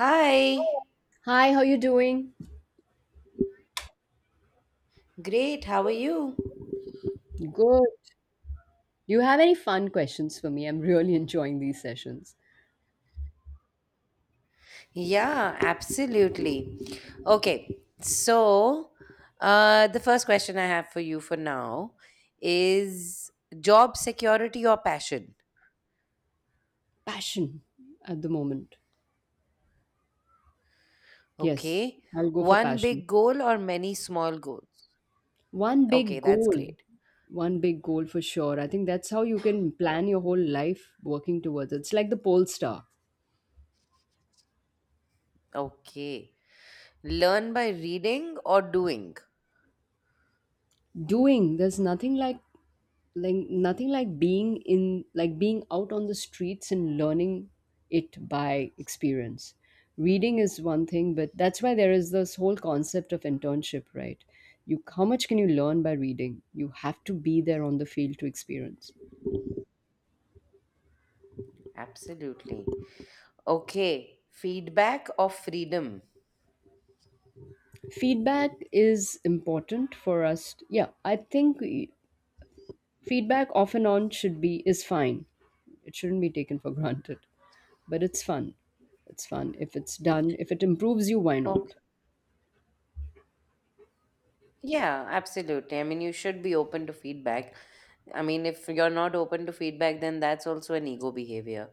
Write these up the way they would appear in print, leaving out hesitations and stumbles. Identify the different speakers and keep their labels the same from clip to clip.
Speaker 1: Hi,
Speaker 2: Hi, how you doing?
Speaker 1: great. How are you?
Speaker 2: Good. Do you have any fun questions for me? I'm really enjoying these sessions.
Speaker 1: Yeah, absolutely. Okay, so the first question I have for you for now is job security or passion?
Speaker 2: Passion at the moment. Yes,
Speaker 1: Okay,
Speaker 2: I'll go for
Speaker 1: one
Speaker 2: passion.
Speaker 1: big goal or many small goals?
Speaker 2: One
Speaker 1: Okay,
Speaker 2: big
Speaker 1: that's
Speaker 2: goal.
Speaker 1: great.
Speaker 2: One big goal for sure. I think that's how you can plan your whole life working towards it. It's like the pole star.
Speaker 1: Okay, learn by reading or doing?
Speaker 2: Doing, there's nothing like nothing like being in, like being out on the streets and learning it by experience. Reading is one thing, but that's why there is this whole concept of internship, right? you How much can you learn by reading? You have to be there on the field to experience.
Speaker 1: Absolutely. Okay, feedback or freedom?
Speaker 2: Feedback is important for us, yeah, I think feedback off and on should be is fine. It shouldn't be taken for granted, but it's fun. It's fun if it's done, if it improves you, why
Speaker 1: Okay.
Speaker 2: not?
Speaker 1: Yeah, absolutely. I mean, you should be open to feedback. I mean, if you're not open to feedback, then that's also an ego behavior.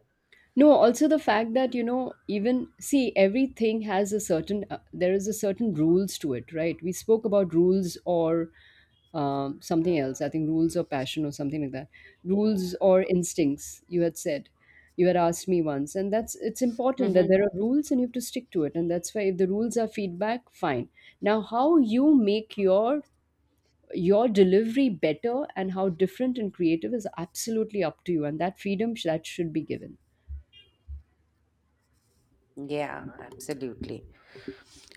Speaker 2: No, also the fact that, even see, everything has a certain, there is a certain rules to it, right? We spoke about rules or something else. I think rules or passion or something like that. Rules or instincts, you had said. You had asked me once. And that's, it's important that
Speaker 1: Mm-hmm.
Speaker 2: there are rules and you have to stick to it. And that's why if the rules are feedback, fine. Now, how you make your delivery better and how different and creative is absolutely up to you, and that freedom that should be given.
Speaker 1: Yeah, absolutely.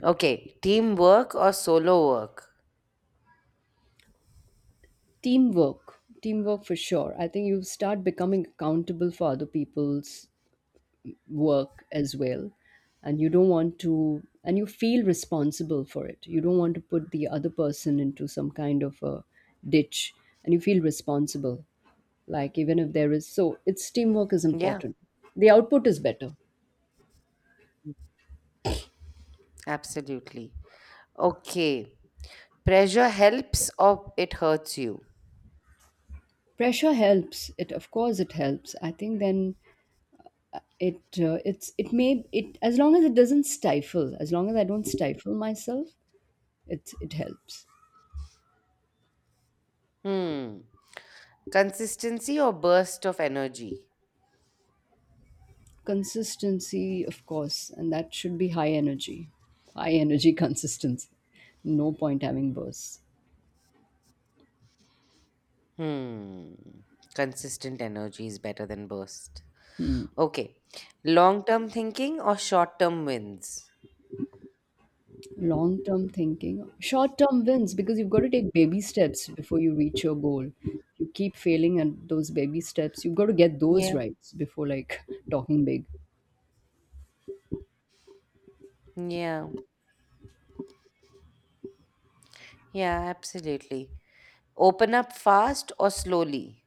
Speaker 1: Okay, teamwork or solo work?
Speaker 2: Teamwork, for sure. I think you start becoming accountable for other people's work as well, and you don't want to and you feel responsible for it. You don't want to put the other person into some kind of a ditch, and you feel responsible. Like, even if there is, so it's, teamwork is
Speaker 1: Yeah,
Speaker 2: important. The output is better.
Speaker 1: absolutely. Okay, pressure helps or it hurts you?
Speaker 2: Pressure helps, it of course it helps. I think then it, it may, it as long as it doesn't stifle, as long as I don't stifle myself, it helps.
Speaker 1: Hmm. Consistency or burst of energy?
Speaker 2: Consistency, of course, and that should be high energy. High energy consistency. No point having bursts.
Speaker 1: Hmm. Consistent energy is better than burst. Okay, long term thinking or short term wins?
Speaker 2: Long term thinking, short term wins, because you've got to take baby steps before you reach your goal. You keep failing at those baby steps. You've got to get those
Speaker 1: Yeah.
Speaker 2: right before, like, talking big.
Speaker 1: Yeah, yeah, absolutely. Open up fast or slowly.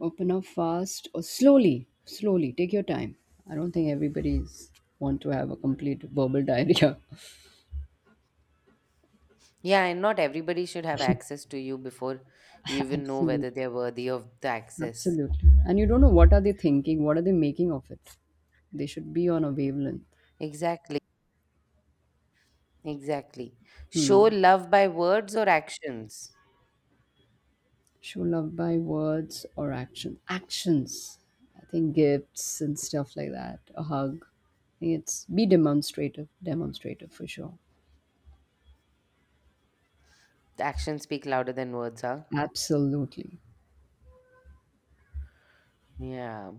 Speaker 2: Open up fast or slowly, slowly. Take your time. I don't think everybody's want to have a complete verbal diarrhea.
Speaker 1: Yeah, and not everybody should have access to you before you even know whether
Speaker 2: Absolutely,
Speaker 1: they're worthy of the access.
Speaker 2: absolutely. And you don't know what are they thinking. What are they making of it? They should be on a wavelength.
Speaker 1: Exactly, exactly. Show
Speaker 2: Hmm.
Speaker 1: love by words or actions.
Speaker 2: Show love by words or action. Actions. I think gifts and stuff like that. A hug. It's be demonstrative. Demonstrative for sure.
Speaker 1: Actions speak louder than words, huh?
Speaker 2: Absolutely.
Speaker 1: Yeah.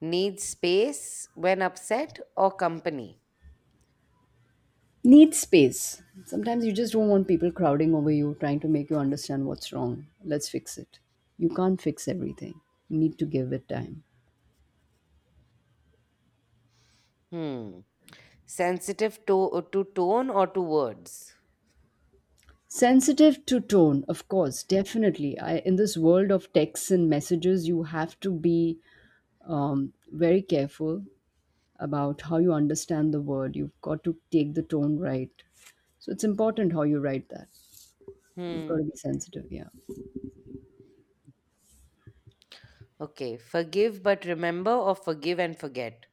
Speaker 1: Need space when upset or company.
Speaker 2: Need space. Sometimes you just don't want people crowding over you, trying to make you understand what's wrong. Let's fix it. You can't fix everything. You need to give it time.
Speaker 1: Hmm. Sensitive to tone or to words.
Speaker 2: Sensitive to tone, of course, definitely. I, in this world of texts and messages, you have to be very careful about how you understand the word. You've got to take the tone right. So it's important how you write that. You've got
Speaker 1: Hmm.
Speaker 2: to be sensitive, yeah.
Speaker 1: Okay. Forgive but remember or forgive and forget.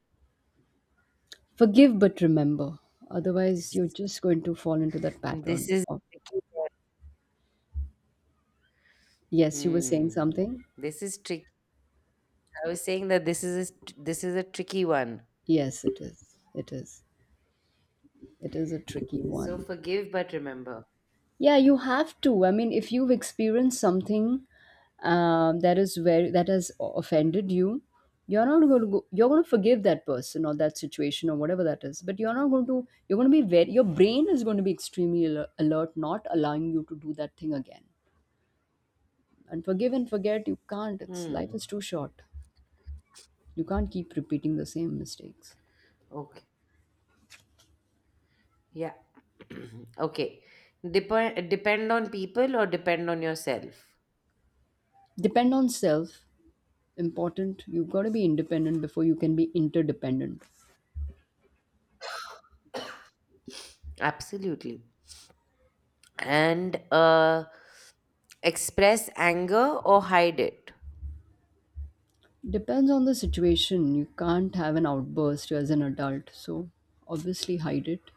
Speaker 2: Forgive but remember. Otherwise,
Speaker 1: This is
Speaker 2: you're just going to fall into that
Speaker 1: This
Speaker 2: pattern
Speaker 1: is
Speaker 2: of.
Speaker 1: tricky one.
Speaker 2: Yes, you were saying
Speaker 1: Hmm.
Speaker 2: something?
Speaker 1: This is tricky. I was saying that this is a tricky one.
Speaker 2: Yes, it is. It is. It is a tricky
Speaker 1: So
Speaker 2: one.
Speaker 1: forgive but remember.
Speaker 2: Yeah, you have to. I mean, if you've experienced something that is very, that has offended you, you're not going to go, you're going to forgive that person or that situation or whatever that is. But you're not going to. You're going to be very. Your brain is going to be extremely alert, not allowing you to do that thing again. And forgive and forget, you can't. It's life
Speaker 1: Hmm.
Speaker 2: is too short. You can't keep repeating the same mistakes.
Speaker 1: Okay. Yeah. Okay. Depend on people or depend on yourself.
Speaker 2: Depend on self. Important, you've got to be independent before you can be interdependent.
Speaker 1: Absolutely. And express anger or hide it.
Speaker 2: Depends on the situation. You can't have an outburst as an adult, so obviously hide it.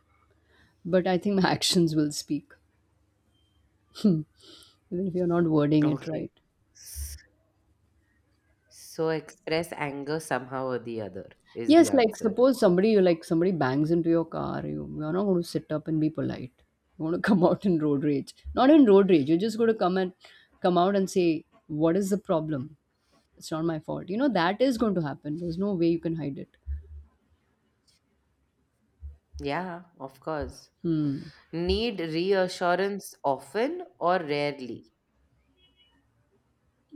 Speaker 2: But I think my actions will speak even if you're not wording it
Speaker 1: Okay.
Speaker 2: right.
Speaker 1: S- So express anger somehow or the other is the
Speaker 2: Yes, like
Speaker 1: answer.
Speaker 2: suppose somebody, you like somebody bangs into your car, you're not going to sit up and be polite. You want to come out in road rage, not in road rage. You're just going to come and come out and say, what is the problem? It's not my fault, you know that is going to happen. There's no way you can hide it.
Speaker 1: Yeah, of course.
Speaker 2: Hmm.
Speaker 1: Need reassurance often or rarely?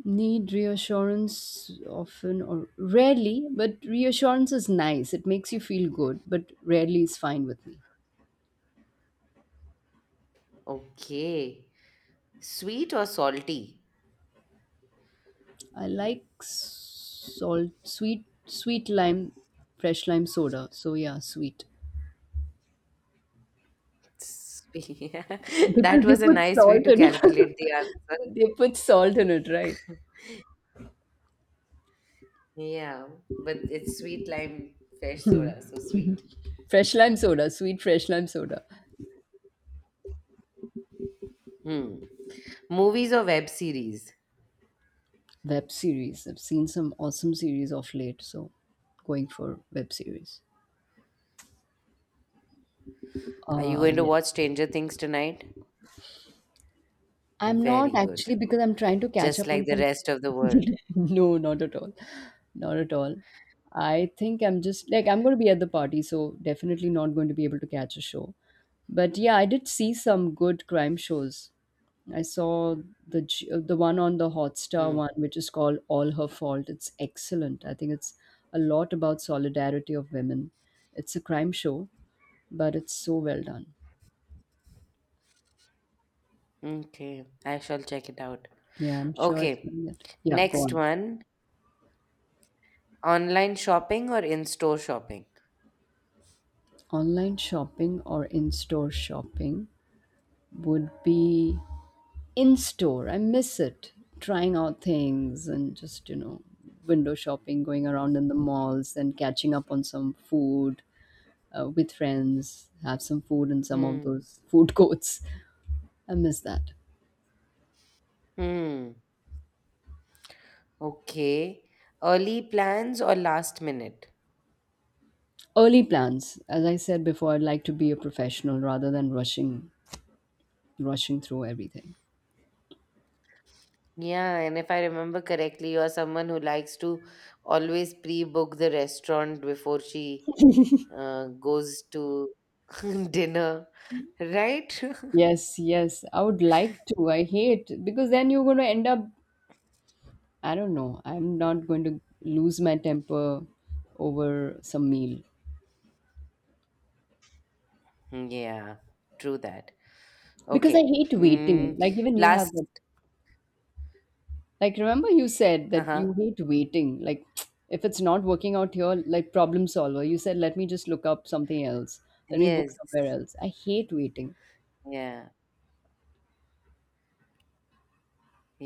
Speaker 2: Need reassurance often or rarely, but reassurance is nice. It makes you feel good, but rarely is fine with me.
Speaker 1: Okay. Sweet or salty?
Speaker 2: I like salt, sweet, sweet lime, fresh lime soda. So yeah, sweet
Speaker 1: Sweet.
Speaker 2: because
Speaker 1: That
Speaker 2: they
Speaker 1: was a
Speaker 2: put
Speaker 1: nice way
Speaker 2: salt
Speaker 1: to
Speaker 2: in it.
Speaker 1: calculate the answer.
Speaker 2: They put salt in it, right?
Speaker 1: Yeah, but it's sweet lime fresh soda, so sweet.
Speaker 2: Fresh lime soda, sweet fresh lime soda.
Speaker 1: Hmm. Movies or web series?
Speaker 2: Web series. I've seen some awesome series of late, so going for web series.
Speaker 1: Are you
Speaker 2: Ah,
Speaker 1: going to
Speaker 2: yeah.
Speaker 1: watch Stranger Things tonight?
Speaker 2: I'm not
Speaker 1: Very good.
Speaker 2: actually, because I'm trying to catch
Speaker 1: Just
Speaker 2: up on
Speaker 1: like the
Speaker 2: some.
Speaker 1: rest of the world.
Speaker 2: No, not at all. Not at all. I think I'm just like, I'm going to be at the party, so definitely not going to be able to catch a show. But yeah, I did see some good crime shows. I saw the the one on the Hotstar
Speaker 1: Hmm.
Speaker 2: one, which is called All Her Fault. It's excellent. I think it's a lot about solidarity of women. It's a crime show, but it's so well done.
Speaker 1: Okay, I shall check it out.
Speaker 2: Yeah, I'm sure it's
Speaker 1: Okay,
Speaker 2: going to. Yeah, go
Speaker 1: next
Speaker 2: on.
Speaker 1: one. Online shopping or in-store shopping?
Speaker 2: Online shopping or in-store shopping would be in-store. I miss it. Trying out things and just, you know, window shopping, going around in the malls and catching up on some food with friends, have some food in some of
Speaker 1: Hmm.
Speaker 2: those food courts. I miss that.
Speaker 1: Hmm. Okay. Early plans or last minute?
Speaker 2: Early plans. As I said before, I'd like to be a professional rather than rushing, through everything.
Speaker 1: Yeah, and if I remember correctly, you're someone who likes to always pre-book the restaurant before she goes to dinner, right?
Speaker 2: Yes, yes. I would like to. I hate, because then you're going to end up, I don't know. I'm not going to lose my temper over some meal
Speaker 1: Yeah, true that.
Speaker 2: because I
Speaker 1: Okay.
Speaker 2: hate waiting. Like, even you have
Speaker 1: Last,
Speaker 2: that. Like, remember you said that
Speaker 1: uh-huh.
Speaker 2: you hate waiting. Like if it's not working out here, like, problem solver. You said, let me just look up something else. Let me book
Speaker 1: Yes,
Speaker 2: somewhere else. I hate waiting.
Speaker 1: yeah,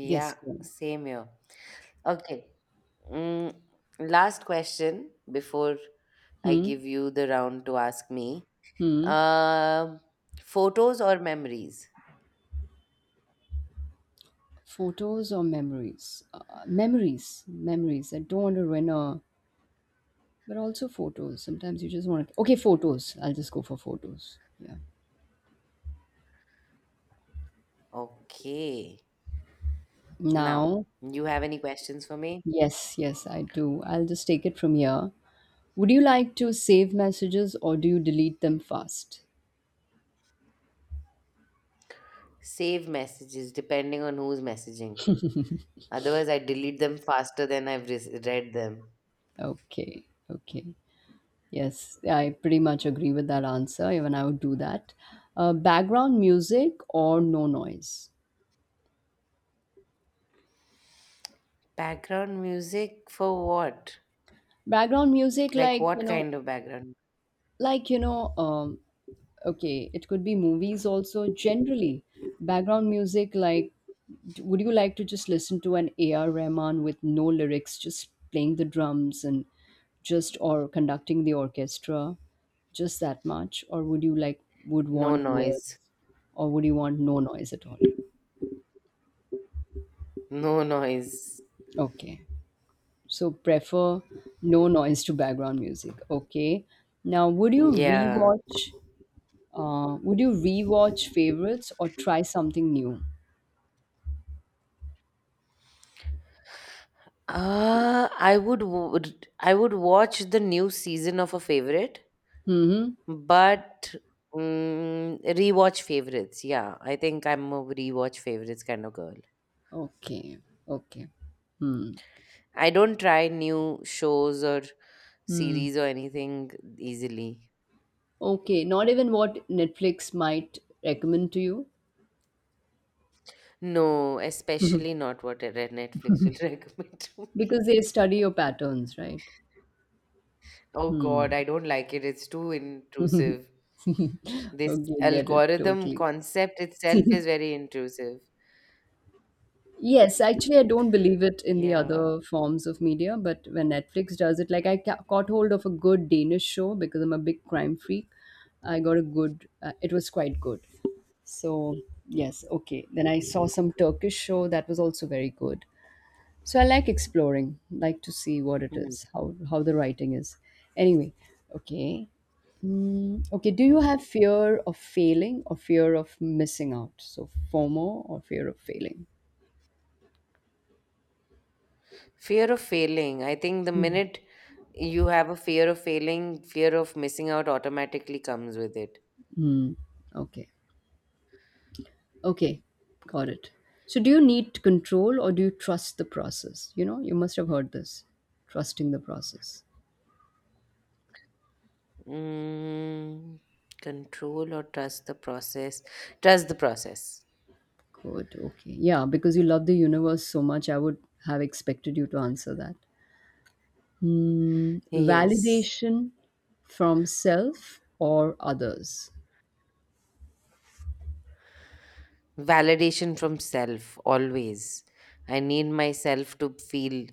Speaker 2: Yes, go
Speaker 1: same here. Okay. Mm, Last question before I
Speaker 2: on.
Speaker 1: give you the round to ask me.
Speaker 2: Hmm. Hmm.
Speaker 1: Um, Photos or memories?
Speaker 2: Photos or memories? Memories. Memories. I don't want to ruin a. But also photos. Sometimes you just want to. Okay, photos. I'll just go for photos. Yeah.
Speaker 1: Okay. Now,
Speaker 2: Now,
Speaker 1: you have any questions for me?
Speaker 2: yes, yes, I do. I'll just take it from here. Would you like to save messages or do you delete them fast?
Speaker 1: Save messages depending on who's messaging. Otherwise, I delete them faster than I've read them.
Speaker 2: Okay, okay. Yes, I pretty much agree with that answer. Even I would do that. Background music or no noise?
Speaker 1: Background music for what?
Speaker 2: Background music,
Speaker 1: Like,
Speaker 2: like, you
Speaker 1: what
Speaker 2: know,
Speaker 1: kind of background?
Speaker 2: like, you know, um, okay, it could be movies also. Generally, background music like, would you like to just listen to an AR Rahman with no lyrics, just playing the drums and just or conducting the orchestra, just that much? Or would you like, would
Speaker 1: No
Speaker 2: want
Speaker 1: noise.
Speaker 2: words, or would you want no noise at all?
Speaker 1: No noise.
Speaker 2: Okay. So prefer no noise to background music. Okay. Now,
Speaker 1: Yeah.
Speaker 2: would you rewatch favorites or try something new?
Speaker 1: I would watch the new season of a favorite.
Speaker 2: Mm-hmm.
Speaker 1: But rewatch favorites. Yeah, I think I'm a rewatch favorites kind of girl.
Speaker 2: Okay, okay. Hmm.
Speaker 1: I don't try new shows or
Speaker 2: Hmm.
Speaker 1: series or anything easily.
Speaker 2: Okay, not even what Netflix might recommend to you?
Speaker 1: No,
Speaker 2: Mhm.
Speaker 1: especially not what a red Netflix will recommend to me.
Speaker 2: Because they study your patterns, right?
Speaker 1: Oh
Speaker 2: Hmm.
Speaker 1: God, I don't like it. It's too intrusive. This
Speaker 2: Okay, get it
Speaker 1: algorithm
Speaker 2: totally.
Speaker 1: concept itself is very intrusive.
Speaker 2: Yes, actually, I don't believe it in the
Speaker 1: Yeah.
Speaker 2: other forms of media, but when Netflix does it, like I caught hold of a good Danish show because I'm a big crime freak. I got a good, it was quite good. So, yes, okay. Then I saw some Turkish show that was also very good. So I like exploring, like to see what it
Speaker 1: Hmm.
Speaker 2: is, how the writing is. Anyway, okay. Mm, okay, do you
Speaker 1: Hmm.
Speaker 2: have fear of failing or fear of missing out, so FOMO or fear of failing?
Speaker 1: Fear of failing. I think the
Speaker 2: Hmm.
Speaker 1: minute you have a fear of failing, fear of missing out automatically comes with it.
Speaker 2: Mm, okay, okay, got it. So do you need control or do you trust the process? You know, you must have heard this, trusting the process.
Speaker 1: Mm, Control or trust the process? Trust the process.
Speaker 2: Good, okay, yeah, because you love the universe so much, I would have expected you to answer that.
Speaker 1: Yes.
Speaker 2: Validation from self or others.
Speaker 1: Validation from self, always. I need myself to feel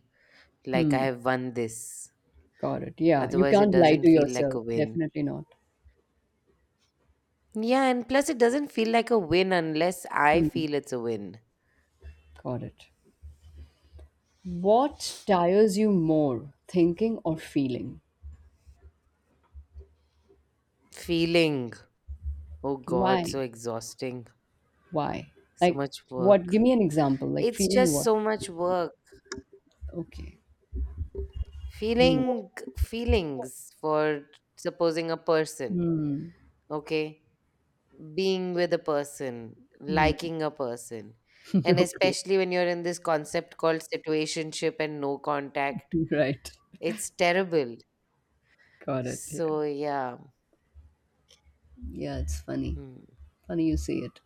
Speaker 1: like
Speaker 2: Hmm.
Speaker 1: I have won this.
Speaker 2: Got it. Yeah. You
Speaker 1: Otherwise, it
Speaker 2: can't lie to
Speaker 1: doesn't feel like
Speaker 2: yourself.
Speaker 1: a win.
Speaker 2: Definitely not.
Speaker 1: Yeah, and plus, it doesn't feel like a win unless I
Speaker 2: Hmm.
Speaker 1: feel it's a win.
Speaker 2: Got it. What tires you more, thinking or feeling?
Speaker 1: Feeling. Oh God, so
Speaker 2: Why?
Speaker 1: exhausting.
Speaker 2: Why?
Speaker 1: So
Speaker 2: Like,
Speaker 1: much
Speaker 2: what?
Speaker 1: work.
Speaker 2: Give me an example. Like,
Speaker 1: It's
Speaker 2: feeling
Speaker 1: just
Speaker 2: what?
Speaker 1: so much work.
Speaker 2: Okay. Hmm.
Speaker 1: Feeling feelings for supposing a person,
Speaker 2: Hmm.
Speaker 1: okay? Being with a person, liking a person. And
Speaker 2: Okay.
Speaker 1: especially when you're in this concept called situationship and no contact,
Speaker 2: Right.
Speaker 1: it's terrible.
Speaker 2: Got it. Yeah.
Speaker 1: So, yeah.
Speaker 2: Yeah, it's funny.
Speaker 1: Hmm.
Speaker 2: Funny you say it.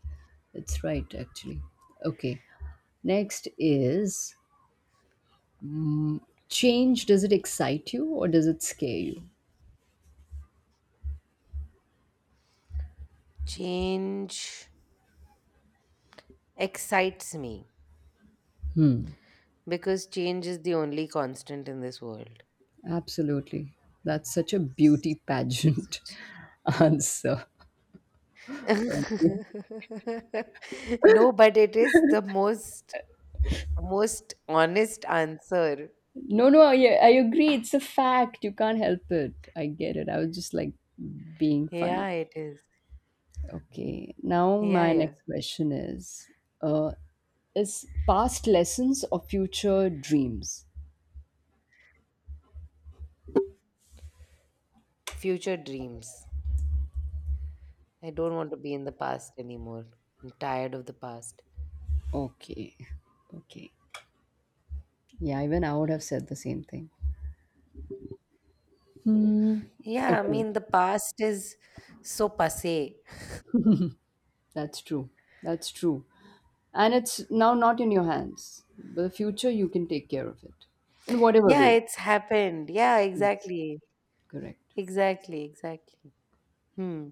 Speaker 2: It's right, actually. Okay. Next is, change, does it excite you or does it scare you?
Speaker 1: Change excites me because change is the only constant in this world.
Speaker 2: Absolutely. That's such a beauty
Speaker 1: So
Speaker 2: pageant
Speaker 1: so
Speaker 2: answer. Okay.
Speaker 1: No, but it is the most honest answer.
Speaker 2: No, no, I agree, it's a fact, you can't help it. I get it, I was just like being funny.
Speaker 1: Yeah, it is.
Speaker 2: Okay, now
Speaker 1: Yeah,
Speaker 2: my
Speaker 1: yeah.
Speaker 2: next question uh is past lessons or future dreams.
Speaker 1: Future dreams. I don't want to be in the past anymore. I'm tired of the past.
Speaker 2: Okay, okay, yeah, even I would have said the same thing.
Speaker 1: Yeah, I
Speaker 2: Okay,
Speaker 1: mean the past is so passé.
Speaker 2: that's true, that's true. And it's now not in your hands, but the future you can take care of it in whatever
Speaker 1: Yeah,
Speaker 2: way.
Speaker 1: it's happened. Yeah,
Speaker 2: Yes.
Speaker 1: exactly.
Speaker 2: Correct.
Speaker 1: Exactly, exactly. Hmm.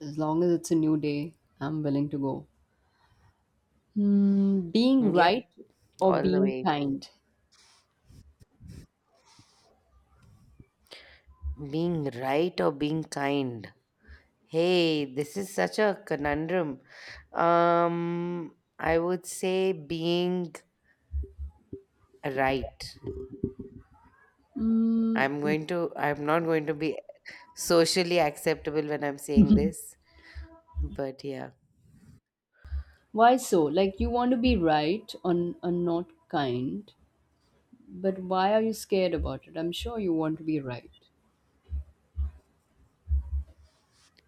Speaker 2: As long as it's a new day, I'm willing to go. Hmm, being right
Speaker 1: Yep,
Speaker 2: or
Speaker 1: all the
Speaker 2: being
Speaker 1: way.
Speaker 2: kind.
Speaker 1: Being right or being kind. Hey, this is such a conundrum. I would say being right.
Speaker 2: Hmm,
Speaker 1: I'm not going to be socially acceptable when I'm saying this, but yeah.
Speaker 2: why so? Like, you want to be right on and not kind, but why are you scared about it? I'm sure you want to be right.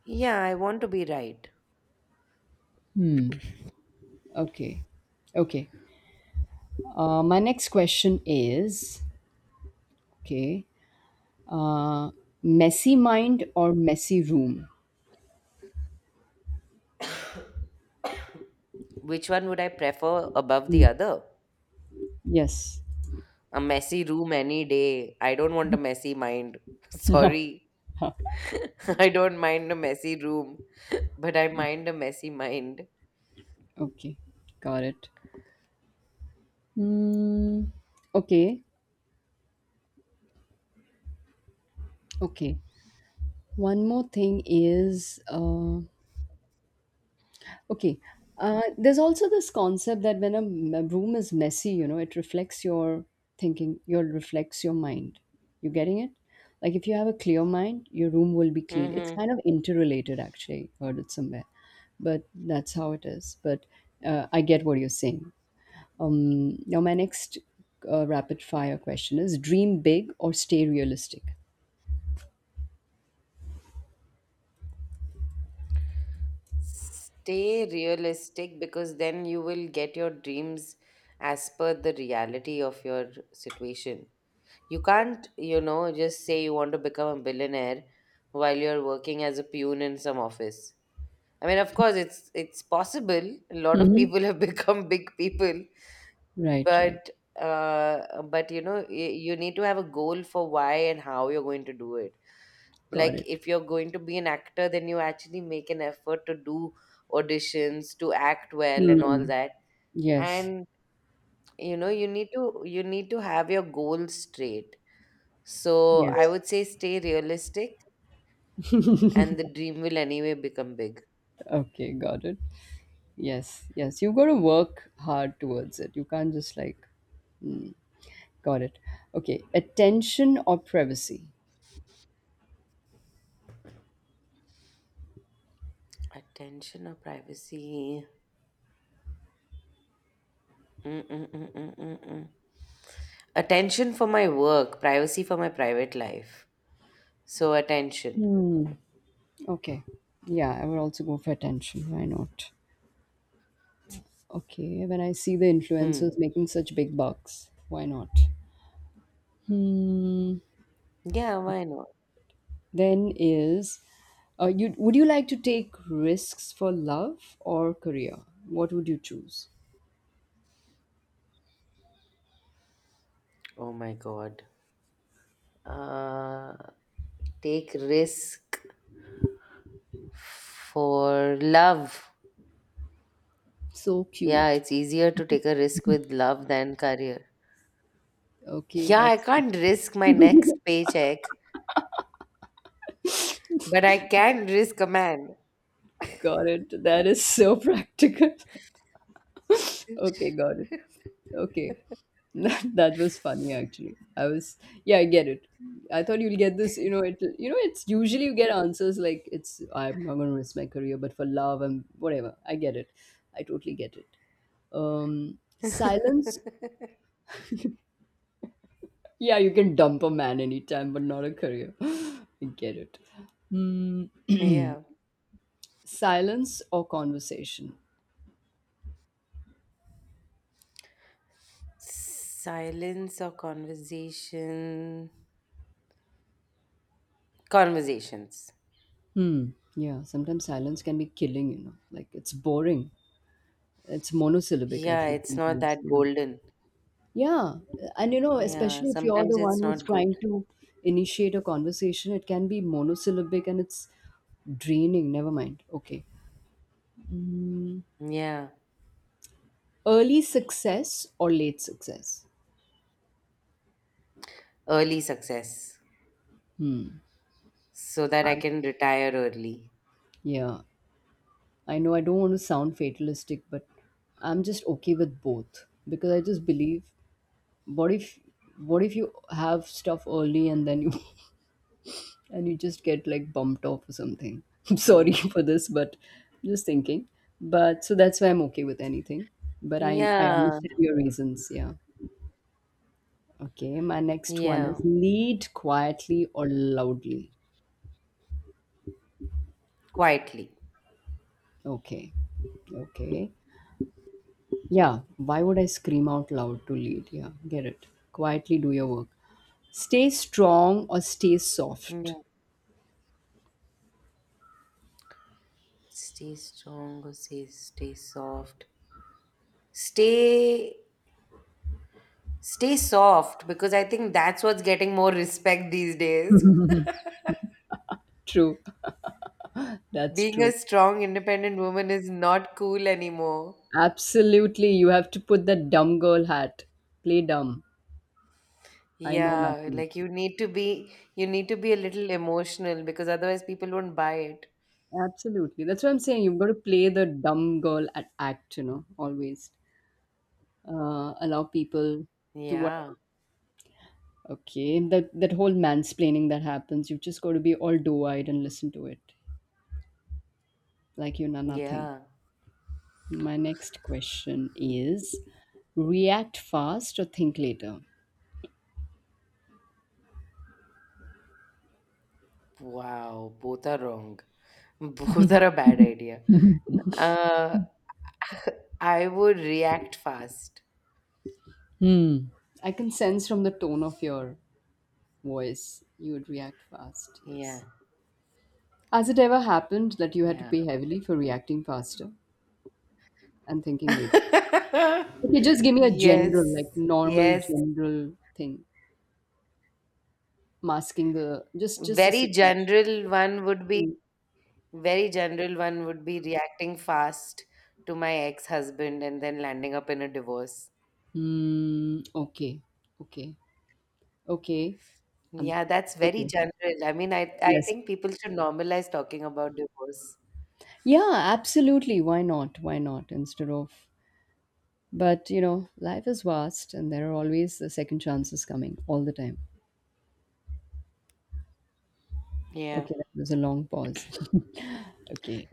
Speaker 1: Yeah, I want to be right.
Speaker 2: Okay, okay, my next question is, okay, uh, messy mind or messy room.
Speaker 1: Which one would I prefer above the other?
Speaker 2: Yes.
Speaker 1: A messy room any day. I don't want a messy mind. Sorry. I don't mind a messy room, but I mind a messy mind.
Speaker 2: Okay. Got it. Mm, okay. Okay. One more thing is okay. There's also this concept that when a room is messy, it reflects your thinking, your reflects your mind. You getting it? Like, if you have a clear mind, your room will be clean. It's
Speaker 1: Hmm.
Speaker 2: kind of interrelated, actually. Heard it somewhere, but that's how it is. But I get what you're saying. Now, my next rapid fire question is dream big or stay realistic?
Speaker 1: Stay realistic because then you will get your dreams as per the reality of your situation. You can't, just say you want to become a billionaire while you're working as a pune in some office. I mean, of course, it's possible. A lot of
Speaker 2: Hmm.
Speaker 1: people have become big people,
Speaker 2: Right, right.
Speaker 1: but you need to have a goal for why and how you're going to do it.
Speaker 2: Got
Speaker 1: Like
Speaker 2: it.
Speaker 1: if you're going to be an actor, then you actually make an effort to do auditions, to act well, and all
Speaker 2: Mm.
Speaker 1: that.
Speaker 2: Yes.
Speaker 1: And you need to have your goals straight. So I
Speaker 2: Yes.
Speaker 1: would say stay realistic, and the dream will anyway become big.
Speaker 2: Okay, got it. Yes, yes. You've got to work hard towards it. You can't just like, got it. Okay, attention or privacy?
Speaker 1: Attention or privacy? Mm-mm-mm-mm-mm-mm. Attention for my work, privacy for my private life. So attention.
Speaker 2: Okay. Yeah, I would also go for attention. Why not? Okay, when I see the
Speaker 1: Hmm.
Speaker 2: influencers making such big bucks, why not?
Speaker 1: Yeah, why not?
Speaker 2: Then is, you would you like to take risks for love or career? What would you choose?
Speaker 1: Oh my God. Uh, Take risk for love.
Speaker 2: So
Speaker 1: Yeah,
Speaker 2: cute.
Speaker 1: it's easier to take a risk with love than career.
Speaker 2: Okay,
Speaker 1: Yeah, I
Speaker 2: that's
Speaker 1: can't risk my next paycheck, but I can risk a man.
Speaker 2: got it. That is so practical. Okay, got it. Okay. That was funny actually. I was yeah, I get it. I thought you'll get this, it's usually you get answers like it's I'm not gonna risk my career, but for love and whatever. I get it. I totally get it. Silence. Yeah, you can dump a man anytime, but not a career. I get it. Hmm.
Speaker 1: yeah.
Speaker 2: Silence or conversation?
Speaker 1: Silence or conversation? Conversations.
Speaker 2: Hmm. Yeah, sometimes silence can be killing, Like, it's boring. It's monosyllabic, I
Speaker 1: Yeah,
Speaker 2: feel
Speaker 1: it's not
Speaker 2: sometimes.
Speaker 1: that
Speaker 2: Yeah.
Speaker 1: golden.
Speaker 2: Yeah. And
Speaker 1: Yeah,
Speaker 2: especially if you're
Speaker 1: sometimes
Speaker 2: the one
Speaker 1: it's
Speaker 2: who's
Speaker 1: not good.
Speaker 2: trying to initiate a conversation, it can be monosyllabic and it's draining. Never mind. Okay. Hmm.
Speaker 1: Yeah,
Speaker 2: Early success or late success?
Speaker 1: early success
Speaker 2: Hmm.
Speaker 1: so that I
Speaker 2: I-
Speaker 1: can retire early.
Speaker 2: yeah. I know I don't want to sound fatalistic, but I'm just okay with both because I just believe what if what if you have stuff early and then you and you just get like bumped off or something. I'm sorry
Speaker 1: Mm.
Speaker 2: for this, but just thinking. But so that's why I'm okay with anything. But I
Speaker 1: Yeah,
Speaker 2: understand your reasons, yeah. Okay, my next one is
Speaker 1: yeah,
Speaker 2: lead quietly or loudly.
Speaker 1: quietly.
Speaker 2: Okay. Okay. Yeah, why would I scream out loud to lead? Yeah, get it. Quietly do your work. Stay strong or stay
Speaker 1: Yeah.
Speaker 2: soft.
Speaker 1: Stay strong or say stay soft. Stay stay soft because I think that's what's getting more respect these days.
Speaker 2: True, that's
Speaker 1: Being a
Speaker 2: true.
Speaker 1: strong, independent woman is not cool anymore.
Speaker 2: Absolutely, you have to put that dumb girl hat. Play dumb. I know
Speaker 1: Yeah,
Speaker 2: nothing.
Speaker 1: like you need to be a little emotional because otherwise people won't buy it.
Speaker 2: Absolutely, that's what I'm saying. You've got to play the dumb girl at act, always. Allow people to what?
Speaker 1: Yeah.
Speaker 2: Okay, that that whole mansplaining that happens, you've just got to be all doe-eyed and listen to it, like you know nothing.
Speaker 1: Yeah.
Speaker 2: My next question is react fast or think later?
Speaker 1: Wow, both are wrong. Both are a bad idea. Uh, I would react fast.
Speaker 2: Hmm. I can sense from the tone of your voice you would react fast,
Speaker 1: Yeah,
Speaker 2: yes. Has it ever happened that you had to
Speaker 1: yeah.
Speaker 2: pay heavily for reacting faster and thinking later? Okay, just give me a general, like
Speaker 1: Yes,
Speaker 2: normal
Speaker 1: yes.
Speaker 2: general thing, masking the just the
Speaker 1: Very
Speaker 2: situation.
Speaker 1: general one would be
Speaker 2: Hmm.
Speaker 1: very general one would be reacting fast to my ex-husband and then landing up in a divorce.
Speaker 2: Mm, okay, okay, okay, um,
Speaker 1: Yeah, that's very
Speaker 2: okay.
Speaker 1: general. I mean, I
Speaker 2: Yes,
Speaker 1: think people should normalize talking about divorce.
Speaker 2: yeah, absolutely. Why not? Why not? Instead of, but life is vast and there are always the second chances coming all the time.
Speaker 1: Yeah.
Speaker 2: Okay, that was a long pause. Okay,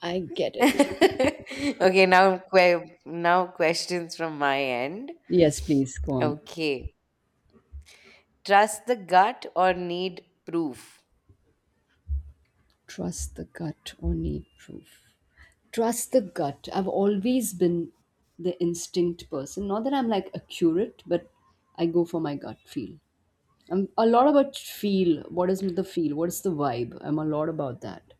Speaker 2: I get it.
Speaker 1: Okay, now questions from my end.
Speaker 2: Yes, please go on.
Speaker 1: Okay. Trust the gut or need proof?
Speaker 2: Trust the gut or need proof. Trust the gut. I've always been the instinct person. Not that I'm like accurate, but I go for my gut feel. I'm a lot about feel. What is the feel? What is the vibe? I'm a lot about that.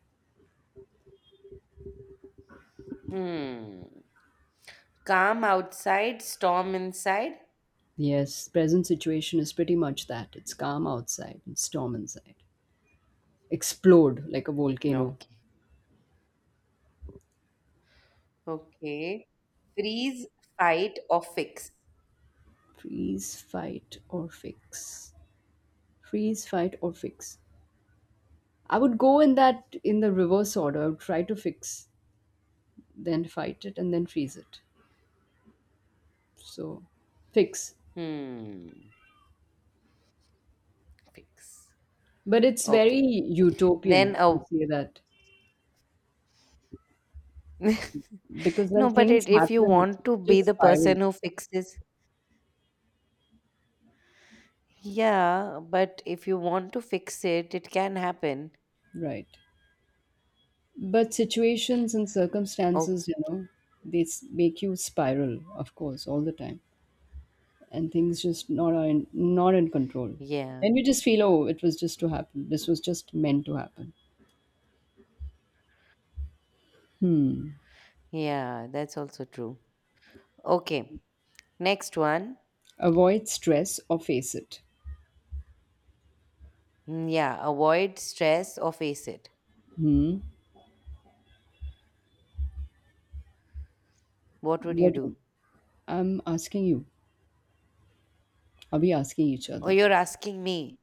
Speaker 1: Hmm. Calm outside, storm inside.
Speaker 2: Yes, present situation is pretty much that. It's calm outside and storm inside. Explode like a volcano.
Speaker 1: Okay. Okay. Freeze, fight, or fix.
Speaker 2: Freeze, fight, or fix. Freeze, fight, or fix. I would go in that in the reverse order. I would try to fix, then fight it, and then freeze it. So, fix.
Speaker 1: Hmm. Fix.
Speaker 2: But it's very
Speaker 1: Okay. Then
Speaker 2: utopian to
Speaker 1: oh
Speaker 2: say that because
Speaker 1: no,
Speaker 2: when
Speaker 1: but
Speaker 2: things
Speaker 1: if you
Speaker 2: happen, it
Speaker 1: want to be
Speaker 2: just
Speaker 1: the
Speaker 2: spiral.
Speaker 1: person who fixes, yeah. But if you want to fix it, it can happen.
Speaker 2: Right. But situations and
Speaker 1: Oh
Speaker 2: circumstances, they make you spiral, of course, all the time, and things just not in control.
Speaker 1: yeah.
Speaker 2: And you just feel, oh, it was just to happen. This was just meant to happen.
Speaker 1: Yeah, that's also true. Okay, next one.
Speaker 2: Avoid stress or face it.
Speaker 1: Yeah, avoid stress or face it.
Speaker 2: Hmm.
Speaker 1: What would you
Speaker 2: What?
Speaker 1: do?
Speaker 2: would- I'm asking you. Are we asking each
Speaker 1: Oh,
Speaker 2: other?
Speaker 1: you're asking me.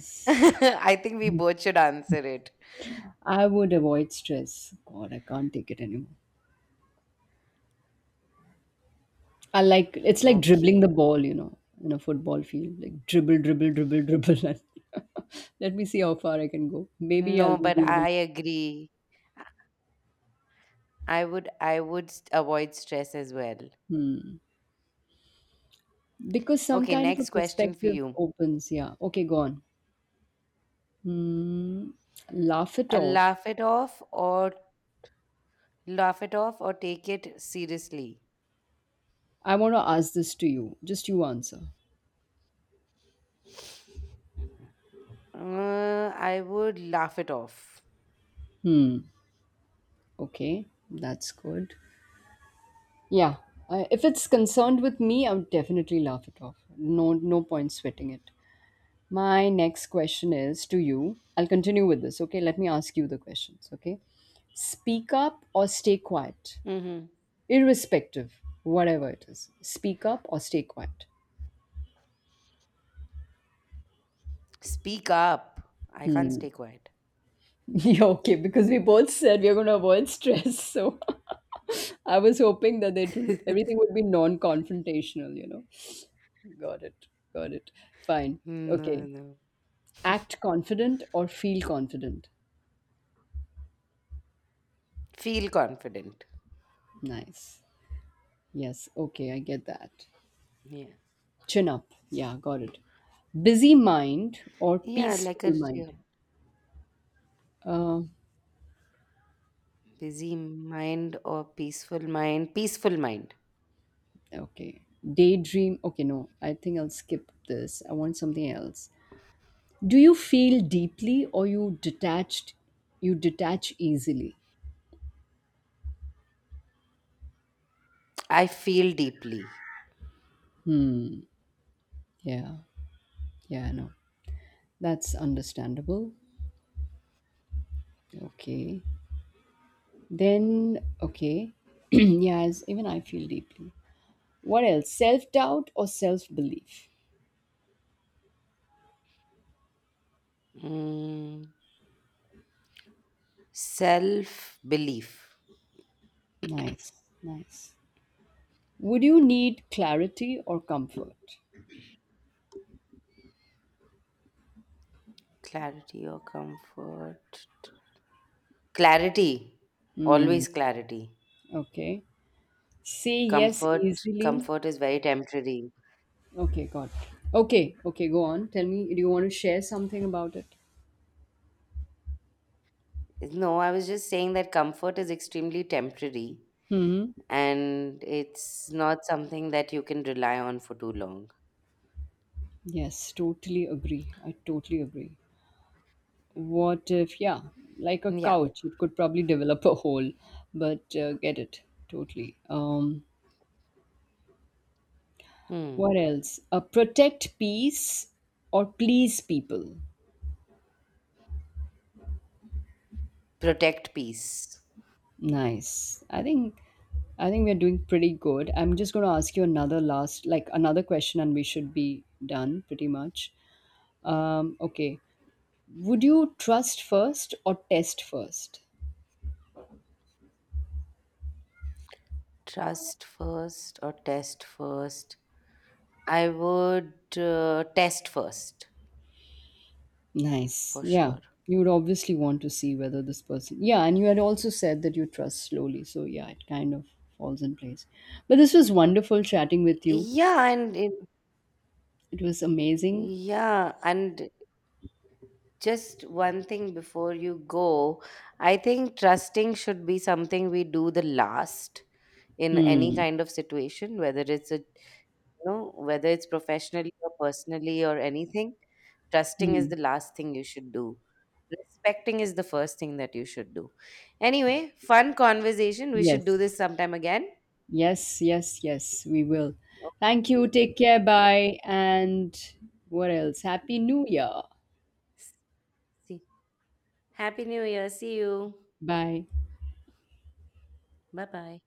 Speaker 1: I think we both should answer it.
Speaker 2: I would avoid stress. God, I can't take it anymore. I like it's like dribbling
Speaker 1: Okay.
Speaker 2: the ball, in a football field. Like, dribble, dribble, dribble, dribble. And let me see how far I can go. Maybe
Speaker 1: No,
Speaker 2: I'll
Speaker 1: but
Speaker 2: be able
Speaker 1: I agree. I would avoid stress as well.
Speaker 2: because some
Speaker 1: Okay,
Speaker 2: kind of a
Speaker 1: next question for
Speaker 2: perspective
Speaker 1: you.
Speaker 2: opens. Yeah. Okay, go on. Hmm. Laugh it
Speaker 1: Uh,
Speaker 2: off.
Speaker 1: laugh it off or laugh it off or take it seriously.
Speaker 2: I want to ask this to you. Just you answer.
Speaker 1: I would laugh it off.
Speaker 2: Hmm. Okay, that's good. Yeah. I if it's concerned with me, I would definitely laugh it off. No, no point sweating it. My next question is to you. I'll continue with this, okay? Let me ask you the questions, okay? Speak up or stay quiet,
Speaker 1: Mm-hmm.
Speaker 2: irrespective, whatever it is. Speak up or stay quiet.
Speaker 1: Speak up. I can't stay quiet.
Speaker 2: Yeah, okay, because we both said we are going to avoid stress. So I was hoping that it would, everything would be non confrontational, Got it. Got it. Fine.
Speaker 1: Mm, no,
Speaker 2: Okay.
Speaker 1: no.
Speaker 2: Act confident or feel confident?
Speaker 1: Feel confident.
Speaker 2: Nice. Yes. Okay. I get that.
Speaker 1: Yeah.
Speaker 2: Chin up. Yeah, got it. Busy mind or
Speaker 1: Yeah,
Speaker 2: peaceful mind? Uh,
Speaker 1: busy mind or peaceful mind. Peaceful mind.
Speaker 2: okay. Daydream. Okay, no. I think I'll skip this. I want something else. Do you feel deeply or you detached? You detach easily.
Speaker 1: I feel deeply.
Speaker 2: Yeah. Yeah, no. That's understandable. Okay. Then, okay. Yes, even I feel deeply. What else? Self doubt or self belief?
Speaker 1: Mm, Self belief.
Speaker 2: Nice. Nice. Would you need clarity or comfort?
Speaker 1: Clarity or comfort. Clarity.
Speaker 2: Hmm.
Speaker 1: Always clarity.
Speaker 2: Okay. Say yes
Speaker 1: Comfort.
Speaker 2: easily.
Speaker 1: Comfort is very temporary.
Speaker 2: Okay, got it. Okay, okay, go on. Tell me, do you want to share something about it?
Speaker 1: No, I was just saying that comfort is extremely temporary
Speaker 2: Hmm.
Speaker 1: and it's not something that you can rely on for too long.
Speaker 2: Yes, totally agree. I totally agree. What if, yeah, like a
Speaker 1: Yeah.
Speaker 2: couch, it could probably develop a hole, but get it totally.
Speaker 1: Hmm.
Speaker 2: What else? Protect peace or please people.
Speaker 1: Protect peace.
Speaker 2: Nice. I think we're doing pretty good. I'm just going to ask you another last like another question and we should be done pretty much. Okay. Would you trust first or test first?
Speaker 1: Trust first or test first? I would test first
Speaker 2: Nice.
Speaker 1: for
Speaker 2: Yeah.
Speaker 1: sure.
Speaker 2: You would obviously want to see whether this person. Yeah, and you had also said that you trust slowly. So yeah, it kind of falls in place. But this was wonderful chatting with you.
Speaker 1: Yeah, and
Speaker 2: It was amazing.
Speaker 1: yeah, and just one thing before you go, I think trusting should be something we do the last in any
Speaker 2: Hmm.
Speaker 1: kind of situation, whether it's a you know whether it's professionally or personally or anything. Trusting is
Speaker 2: Hmm.
Speaker 1: the last thing you should do. Respecting is the first thing that you should do. Anyway, fun conversation. We should do
Speaker 2: Yes.
Speaker 1: this sometime again.
Speaker 2: Yes, yes, yes, we will. Thank you. Take care. Bye. And what else? Happy New Year.
Speaker 1: See. Happy New Year. See you.
Speaker 2: Bye.
Speaker 1: Bye bye.